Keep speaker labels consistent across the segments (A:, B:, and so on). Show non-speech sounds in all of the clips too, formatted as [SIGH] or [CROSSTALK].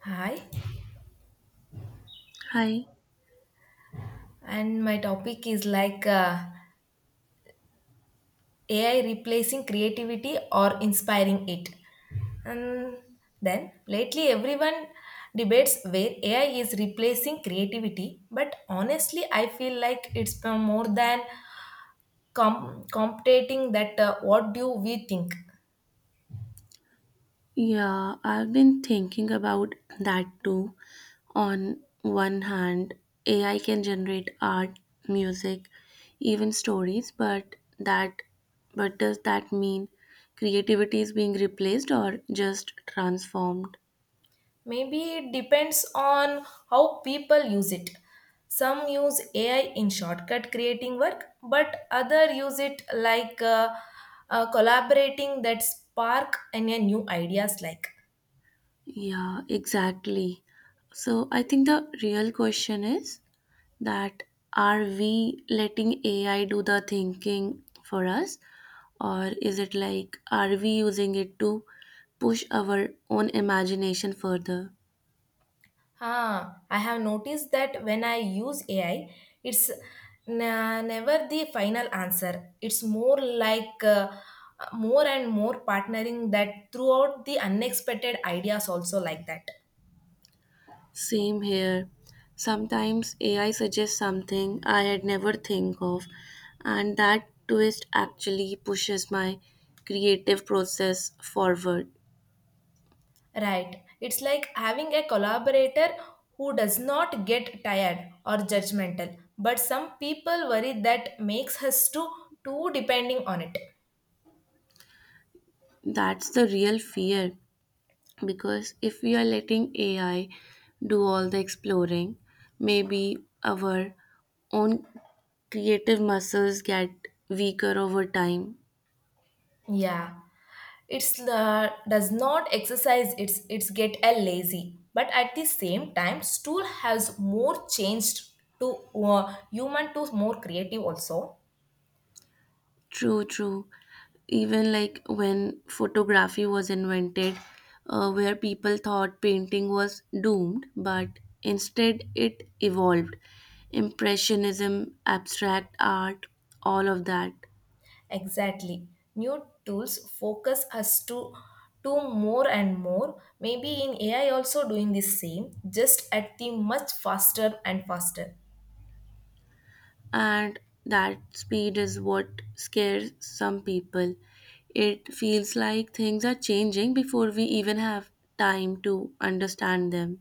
A: Hi,
B: Hi.
A: and my topic is like AI replacing creativity or inspiring it. And then lately, everyone debates where AI is replacing creativity, but honestly, I feel like it's more than competing that what do we think.
B: Yeah, I've been thinking about that too. On one hand, AI can generate art, music, even stories, but does that mean creativity is being replaced or just transformed?
A: Maybe it depends on how people use it. Some use AI in shortcut creating work, but other use it like collaborating that spark any new ideas like.
B: Yeah, exactly. So I think the real question is that are we letting AI do the thinking for us, or is it like are we using it to push our own imagination further?
A: Ah, I have noticed that when I use AI, it's never the final answer. It's more like more and more partnering that throughout the unexpected ideas also like that.
B: Same here. Sometimes AI suggests something I had never think of, and that twist actually pushes my creative process forward.
A: Right. It's like having a collaborator who does not get tired or judgmental. But some people worry that makes us too depending on it.
B: That's the real fear because if we are letting AI do all the exploring, maybe our own creative muscles get weaker over time.
A: Yeah. It's Does not exercise. It's get a lazy. But at the same time, stool has more changed to human to more creative also.
B: True, true. Even like when photography was invented, where people thought painting was doomed, but instead it evolved. Impressionism, abstract art, all of that.
A: Exactly. New tools focus us to do more and more. Maybe in AI also doing the same, just at the much faster and faster.
B: And that speed is what scares some people. It feels like things are changing before we even have time to understand them.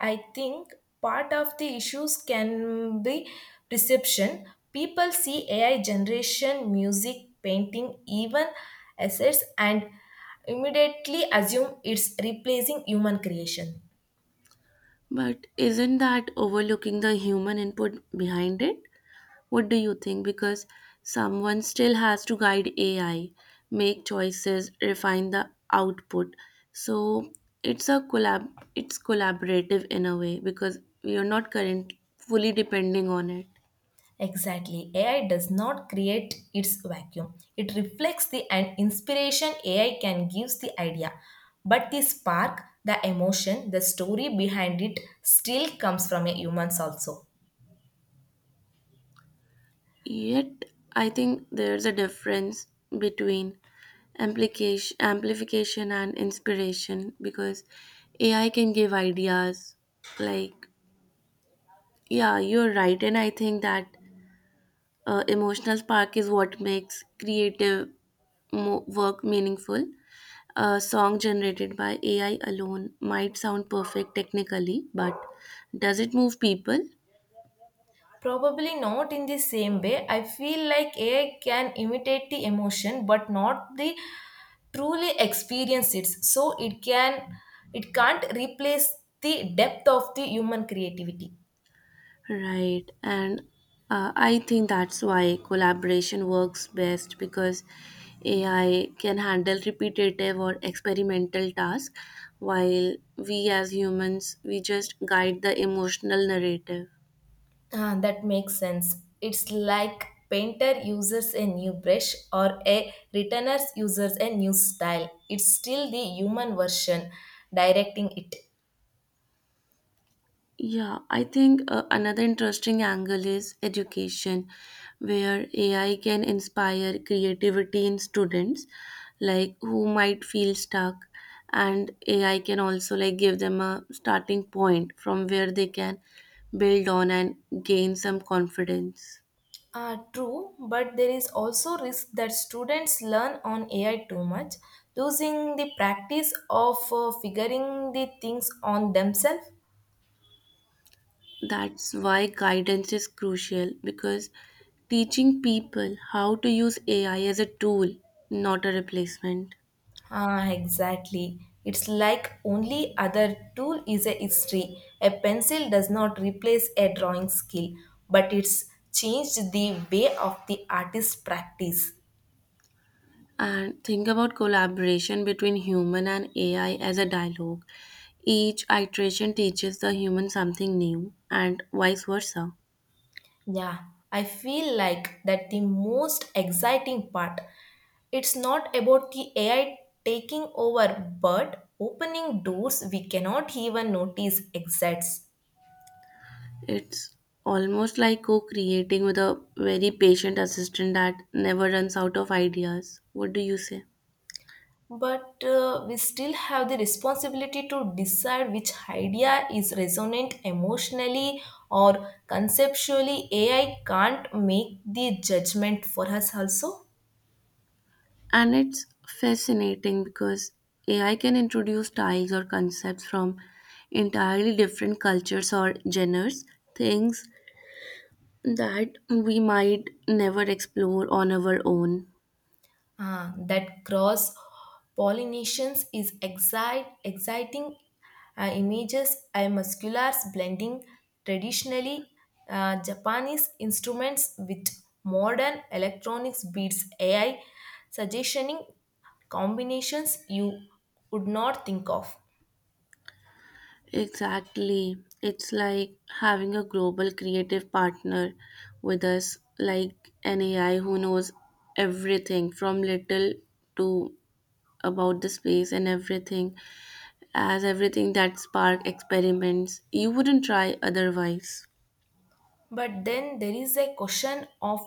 A: I think part of the issues can be perception. People see AI generation, music, painting, even assets and immediately assume it's replacing human creation.
B: But isn't that overlooking the human input behind it? What do you think? Because someone still has to guide AI, make choices, refine the output. So it's a collab it's collaborative in a way because we are not current fully depending on it.
A: Exactly. AI does not create its vacuum. It reflects the an inspiration AI can gives the idea. But the spark, the emotion, the story behind it still comes from a humans also.
B: Yet, I think there's a difference between amplification and inspiration because AI can give ideas. Like, yeah, you're right. And I think that emotional spark is what makes work meaningful. A song generated by AI alone might sound perfect technically, but does it move people?
A: Probably not in the same way. I feel like AI can imitate the emotion but not the truly experience it. So it can't replace the depth of the human creativity.
B: Right. And I think that's why collaboration works best because AI can handle repetitive or experimental tasks while we as humans we just guide the emotional narrative.
A: Ah, that makes sense. It's like painter uses a new brush or a returner uses a new style. It's still the human version directing it.
B: Yeah, I think another interesting angle is education, where AI can inspire creativity in students, like who might feel stuck, and AI can also like give them a starting point from where they can build on and gain some confidence.
A: Ah, true, but there is also risk that students learn on AI too much, losing the practice of figuring the things on themselves.
B: That's why guidance is crucial because teaching people how to use AI as a tool, not a replacement.
A: Ah, exactly. It's like only other tool is a history. A pencil does not replace a drawing skill, but it's changed the way of the artist practice.
B: And think about collaboration between human and AI as a dialogue. Each iteration teaches the human something new, and vice versa.
A: Yeah, I feel like that the most exciting part. It's not about the AI taking over, but opening doors we cannot even notice exists.
B: It's almost like co creating with a very patient assistant that never runs out of ideas. What do you say?
A: But we still have the responsibility to decide which idea is resonant emotionally or conceptually. AI can't make the judgment for us also.
B: And it's fascinating because AI can introduce styles or concepts from entirely different cultures or genres, things that we might never explore on our own.
A: Ah, that cross pollinations is exciting images and musculars blending traditionally Japanese instruments with modern electronics beats AI, suggesting combinations you would not think of.
B: Exactly. It's like having a global creative partner with us, like an AI who knows everything from little to about the space and everything, as everything that spark experiments you wouldn't try otherwise.
A: But then there is a question of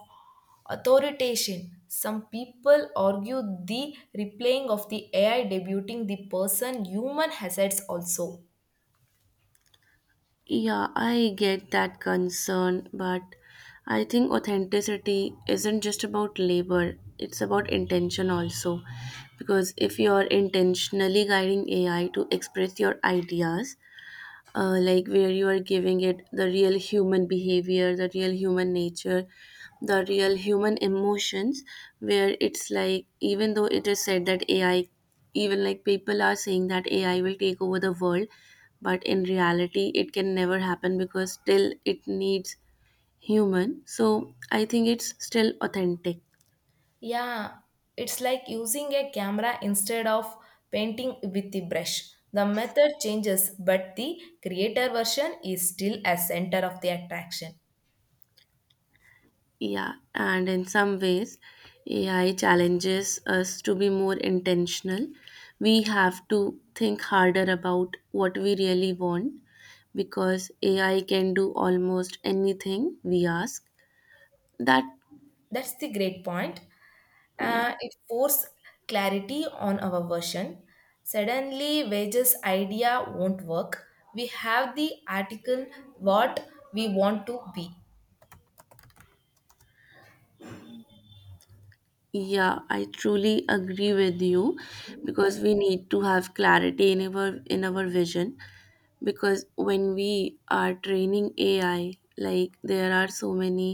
A: authorization. Some people argue the replaying of the AI debuting the person human assets also.
B: Yeah, I get that concern, but I think authenticity isn't just about labor, it's about intention also. Because if you're intentionally guiding AI to express your ideas, like where you are giving it the real human behavior, the real human nature, the real human emotions, where it's like, even though it is said that AI, even like people are saying that AI will take over the world, but in reality, it can never happen because still it needs human. So I think it's still authentic.
A: Yeah, it's like using a camera instead of painting with the brush. The method changes, but the creator version is still a center of the attraction.
B: Yeah, and in some ways, AI challenges us to be more intentional. We have to think harder about what we really want because AI can do almost anything we ask. That,
A: That's the great point.
B: yeah,
A: It forced clarity on our version. Suddenly, wages idea won't work. We have the article what we want to be.
B: yeah, I truly agree with you because we need to have clarity in our vision because when we are training AI, like there are so many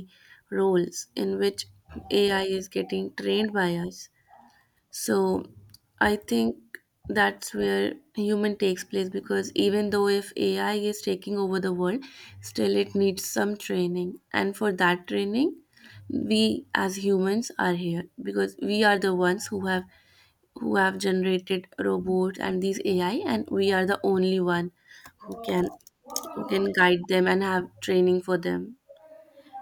B: roles in which AI is getting trained by us. So I think that's where human takes place because even though if AI is taking over the world, still it needs some training. And for that training, we as humans are here because we are the ones who have generated robots and these AI and we are the only one who can who can guide them and have training for them.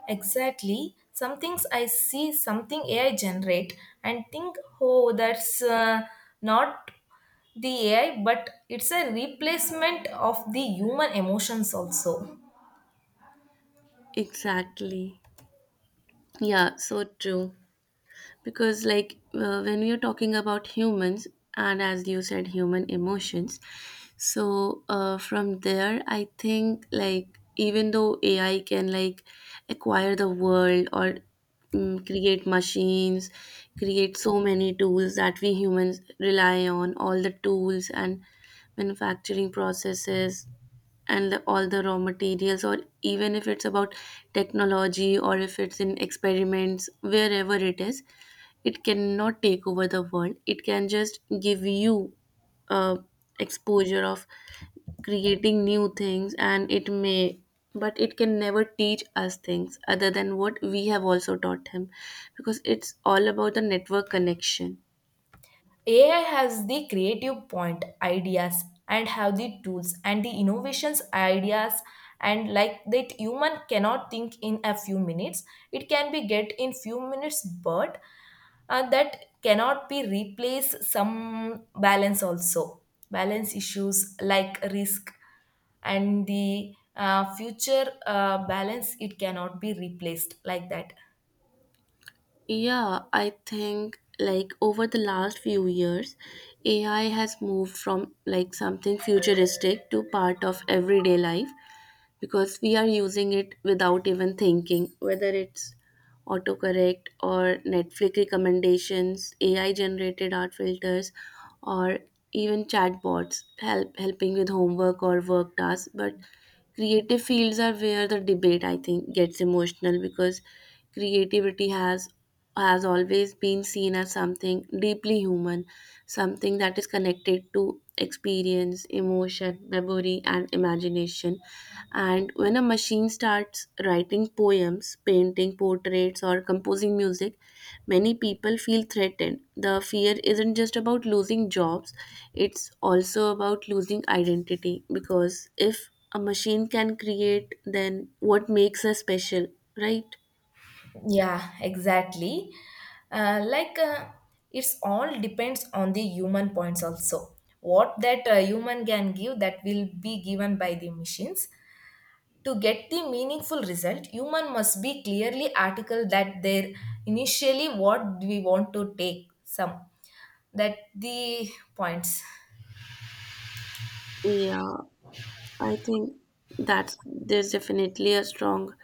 A: Exactly. Some things I see, something AI generate, and think, oh, that's not the AI, but it's a replacement of the human emotions also.
B: Exactly. Yeah, so true. Because like when we are talking about humans and as you said human emotions, so from there I think like even though AI can like acquire the world or create machines, create so many tools that we humans rely on, all the tools and manufacturing processes and all the raw materials, or even if it's about technology or if it's in experiments, wherever it is, it cannot take over the world. It can just give you uh, exposure of creating new things, and it may, but it can never teach us things other than what we have also taught him, because it's all about the network connection.
A: AI has the creative point ideas and have the tools and the innovations ideas and like that human cannot think in a few minutes it can be get in few minutes but that cannot be replaced some balance also, balance issues like risk and the future balance it cannot be replaced like that.
B: Yeah, I think like over the last few years, AI has moved from like something futuristic to part of everyday life because we are using it without even thinking, whether it's autocorrect or Netflix recommendations, AI generated art filters, or even chatbots helping with homework or work tasks. But creative fields are where the debate I think gets emotional because creativity has always been seen as something deeply human, something that is connected to experience, emotion, memory, and imagination. And when a machine starts writing poems, painting portraits, or composing music, many people feel threatened. The fear isn't just about losing jobs, it's also about losing identity because if a machine can create, then what makes us special, right?
A: Yeah, exactly. Uh, like uh, it's all depends on the human points also. What that human can give that will be given by the machines. To get the meaningful result, human must be clearly article that their initially what we want to take some that the points.
B: Yeah. I think that there's definitely a strong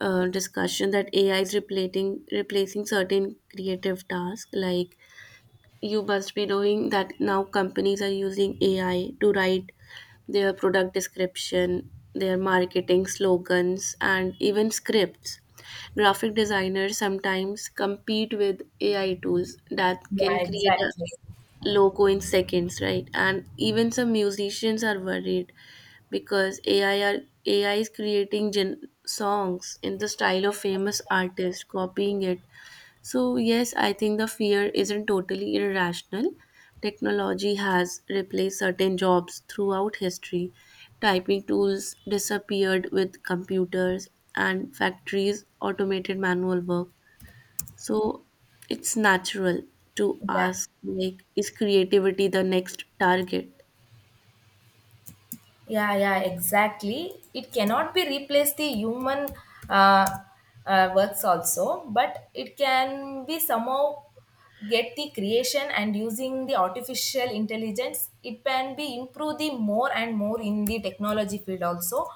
B: discussion that AI is replacing certain creative tasks. Like you must be knowing that now companies are using AI to write their product description, their marketing slogans, and even scripts. Graphic designers sometimes compete with AI tools that
A: Yeah,
B: can create a
A: exactly.
B: logo in seconds, right? And even some musicians are worried because AI is creating songs in the style of famous artists, copying it. So yes, I think the fear isn't totally irrational. Technology has replaced certain jobs throughout history. Typing tools disappeared with computers and factories automated manual work. So it's natural to
A: Yeah.
B: ask, like, is creativity the next target?
A: Yeah, yeah, exactly. It cannot be replaced the human uh, works also, but it can be somehow get the creation and using the artificial intelligence. It can be improve the more and more in the technology field also.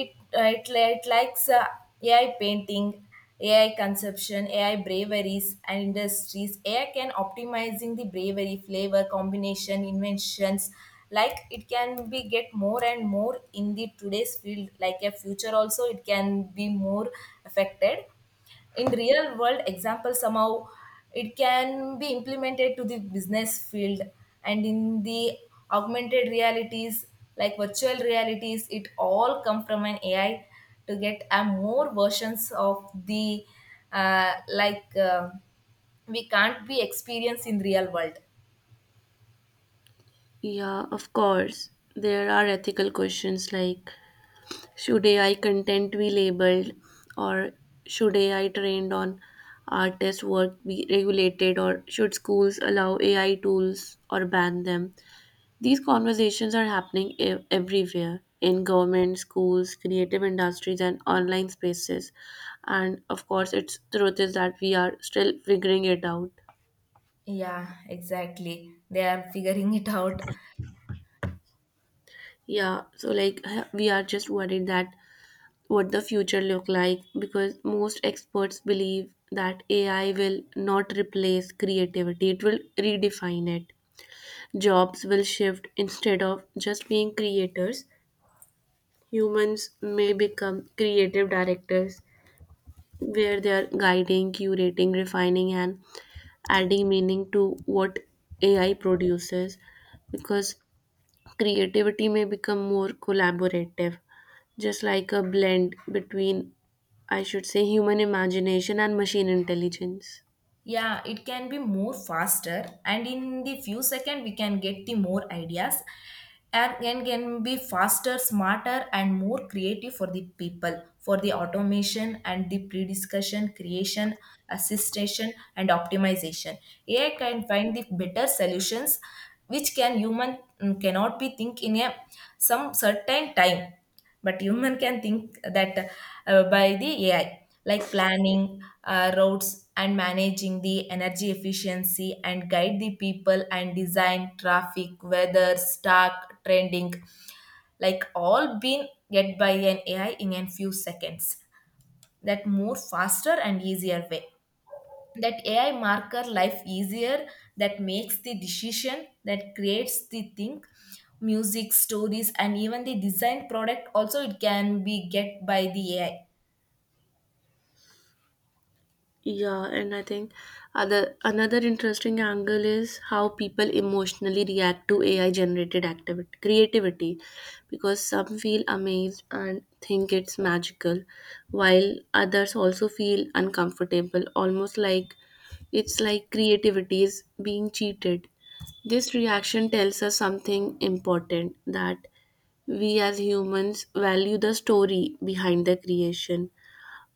A: It likes AI painting, AI conception, AI braveries and industries. AI can optimizing the bravery, flavor, combination, inventions. Like it can be get more and more in the today's field. Like a future also, it can be more affected in real world example somehow it can be implemented to the business field and in the augmented realities like virtual realities, it all come from an AI to get a more versions of the uh, like uh, we can't be experienced in real world.
B: Yeah, of course. There are ethical questions like should AI content be labeled, or should AI trained on artist work be regulated, or should schools allow AI tools or ban them? These conversations are happening everywhere in government, schools, creative industries, and online spaces. And of course, its truth is that we are still figuring it out.
A: Yeah, exactly they are figuring it out.
B: Yeah, so like [LAUGHS] we are just worried that what the future look like because most experts believe that AI will not replace creativity; it will redefine it. Jobs will shift instead of just being creators. Humans may become creative directors where they are guiding, curating, refining, and adding meaning to what AI produces because creativity may become more collaborative, just like a blend between, I should say, human imagination and machine intelligence.
A: Yeah, it can be more faster and in the few second we can get the more ideas and can be faster smarter and more creative for the people for the automation and the pre-discussion creation assistation and optimization. AI can find the better solutions which can human cannot be think in a some certain time, but human can think that by the AI, like planning routes and managing the energy efficiency and guide the people and design traffic, weather, stock, trending, like all been get by an AI in a few seconds. That more faster and easier way, that AI marker life easier, that makes the decision that creates the think music stories and even the design product also, it can be get by the AI.
B: Yeah, and I think other another interesting angle is how people emotionally react to AI generated activity creativity because some feel amazed and think it's magical while others also feel uncomfortable, almost like it's like creativity is being cheated. This reaction tells us something important, that we as humans value the story behind the creation.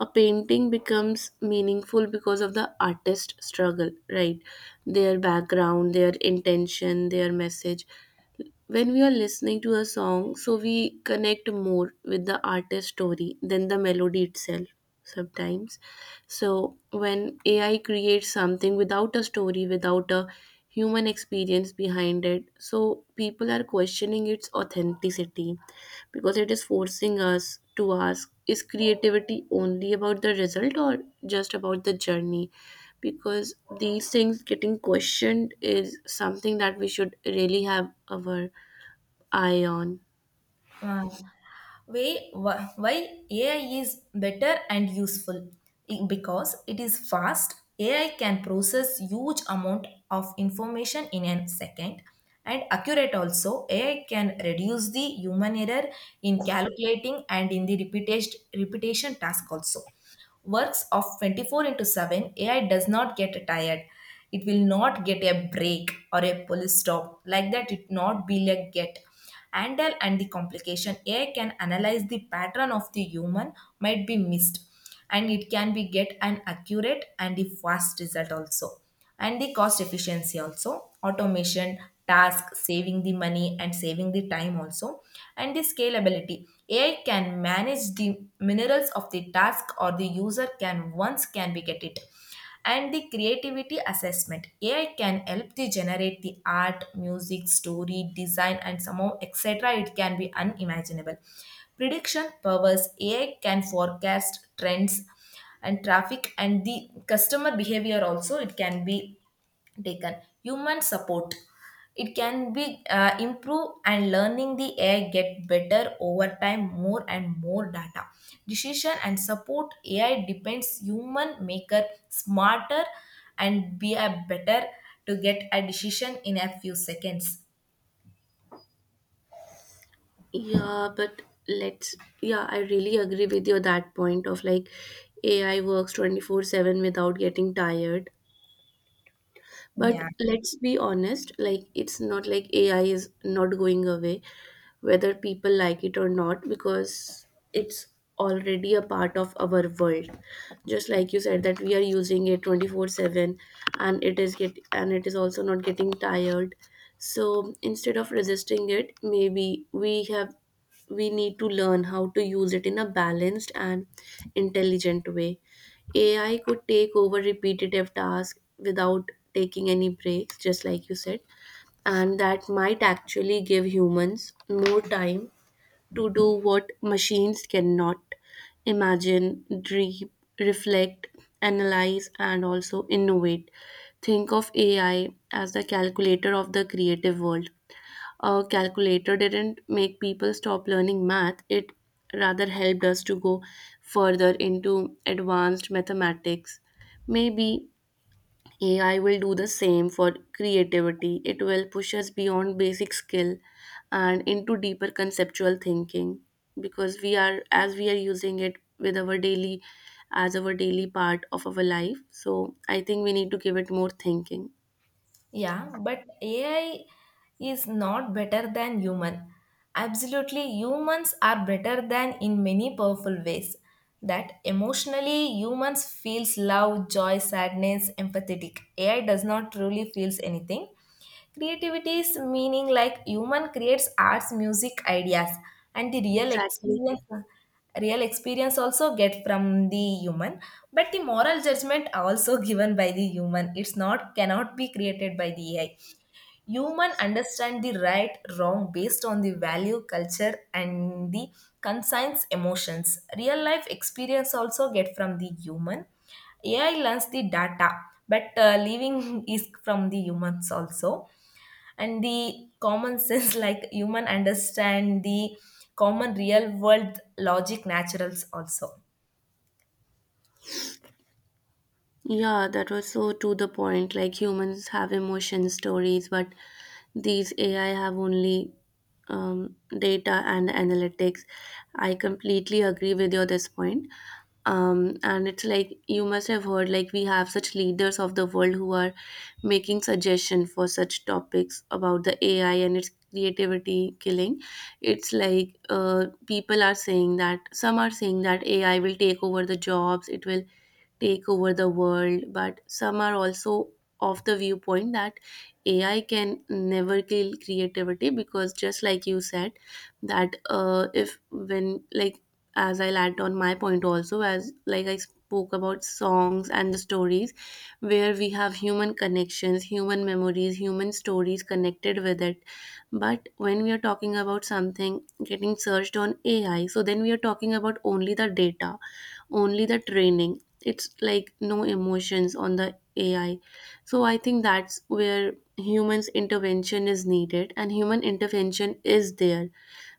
B: A painting becomes meaningful because of the artist's struggle, right? Their background, their intention, their message. When we are listening to a song, so we connect more with the artist story than the melody itself sometimes. So when AI creates something without a story, without a human experience behind it, so people are questioning its authenticity because it is forcing us to ask, is creativity only about the result or just about the journey? Because these things getting questioned is something that we should really have our Ion.
A: Uh, Why why AI is better and useful, because it is fast. AI can process huge amount of information in a second, and accurate also. AI can reduce the human error in calculating and in the repetition task also. Works of 24 into 7, AI does not get tired. It will not get a break or a police stop. Like that, it not be like get. Handle and the complication. AI can analyze the pattern of the human might be missed, and it can be get an accurate and the fast result also, and the cost efficiency also automation task saving the money and saving the time also, and the scalability. AI can manage the minerals of the task or the user can once can be get it, and the creativity assessment. AI can help to generate the art music story design and somehow etc, it can be unimaginable. Prediction powers, AI can forecast trends and traffic and the customer behavior also, it can be taken. Human support, it can be improve and learning, the AI get better over time more and more data, decision and support. AI depends human maker smarter and be a better to get a decision in a few seconds.
B: Yeah, but let's, yeah, I really agree with you that point of like AI works 24/7 without getting tired. But
A: Yeah.
B: let's be honest, like it's not like AI is not going away, whether people like it or not, because it's already a part of our world. Just like you said that we are using it 24/7 and it is also not getting tired. So instead of resisting it, maybe we have we need to learn how to use it in a balanced and intelligent way. AI could take over repetitive tasks without taking any breaks, just like you said, and that might actually give humans more time to do what machines cannot: imagine, dream, reflect, analyze, and also innovate. Think of AI as the calculator of the creative world. A calculator didn't make people stop learning math, it rather helped us to go further into advanced mathematics. Maybe AI will do the same for creativity, it will push us beyond basic skill and into deeper conceptual thinking because we are as we are using it with our daily as our daily part of our life, so I think we need to give it more thinking.
A: Yeah, but AI is not better than human. Absolutely, humans are better than in many powerful ways. That emotionally, humans feels love, joy, sadness, empathetic. AI does not truly feels anything. Creativity is meaning like human creates arts, music, ideas, and the real
B: Exactly.
A: experience. Real experience also get from the human, but the moral judgment also [LAUGHS] given by the human. It's not cannot be created by the AI. Human understand the right wrong based on the value, culture, and the conscience emotions. Real life experience also get from the human. AI learns the data, but living [LAUGHS] is from the humans also, and the common [LAUGHS] sense like human understand the common real world logic naturals also.
B: Yeah, that was so to the point. Like humans have emotion stories, but these AI have only data and analytics. I completely agree with you on this point. And it's like you must have heard, like we have such leaders of the world who are making suggestion for such topics about the AI and its creativity killing. It's like people are saying that some are saying that AI will take over the jobs. It will take over the world, but some are also of the viewpoint that AI can never kill creativity because just like you said, that if when like as I'll add on my point also, as like I spoke about songs and the stories where we have human connections, human memories, human stories connected with it. But when we are talking about something getting searched on AI, so then we are talking about only the data, only the training. It's like no emotions on the AI, so I think that's where humans intervention is needed and human intervention is there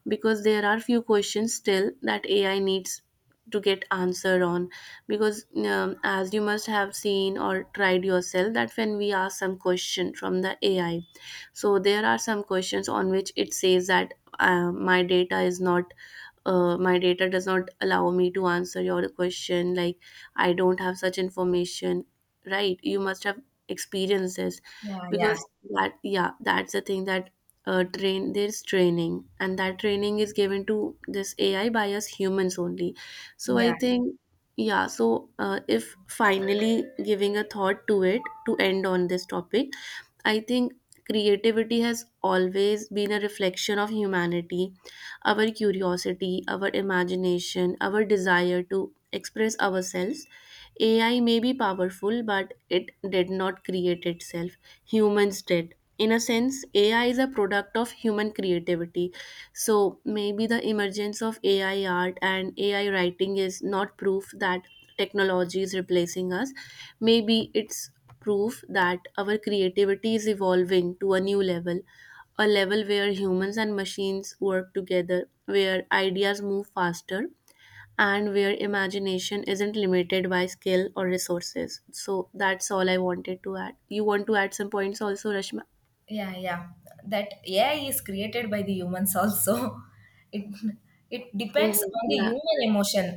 B: because there are few questions still that AI needs to get answered on because as you must have seen or tried yourself that when we ask some question from the AI, so there are some questions on which it says that uh, my data is not my data does not allow me to answer your question, like I don't have such information, right? You must have experienced this.
A: Yeah, yeah,
B: Because that, yeah, that's the thing, that train there's training, and that training is given to this AI by us humans only, so I
A: yeah,
B: think, yeah. So if finally giving a thought to it, to end on this topic, I think creativity has always been a reflection of humanity, our curiosity, our imagination, our desire to express ourselves. AI may be powerful, but it did not create itself. Humans did. In a sense, AI is a product of human creativity. So maybe the emergence of AI art and AI writing is not proof that technology is replacing us. Maybe it's proof that our creativity is evolving to a new level, a level where humans and machines work together, where ideas move faster and where imagination isn't limited by skill or resources. So that's all I wanted to add. You want to add some points also, Rashma?
A: yeah, yeah, that AI is created by the humans also [LAUGHS] it it depends
B: Mhm.
A: on the
B: Yeah.
A: human emotion,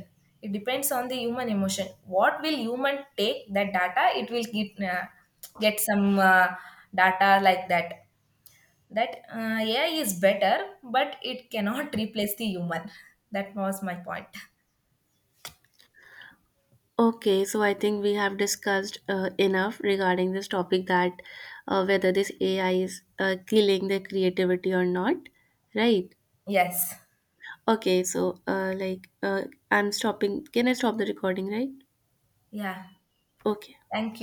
A: it depends on the human emotion what will human take that data it will get some data like that, that AI is better but it cannot [LAUGHS] replace the human. That was my point.
B: Okay, so I think we have discussed enough regarding this topic, that whether this AI is killing the creativity or not, right?
A: Yes.
B: Okay, so I'm stopping. Can I stop the recording, right?
A: Yeah.
B: Okay.
A: Thank you.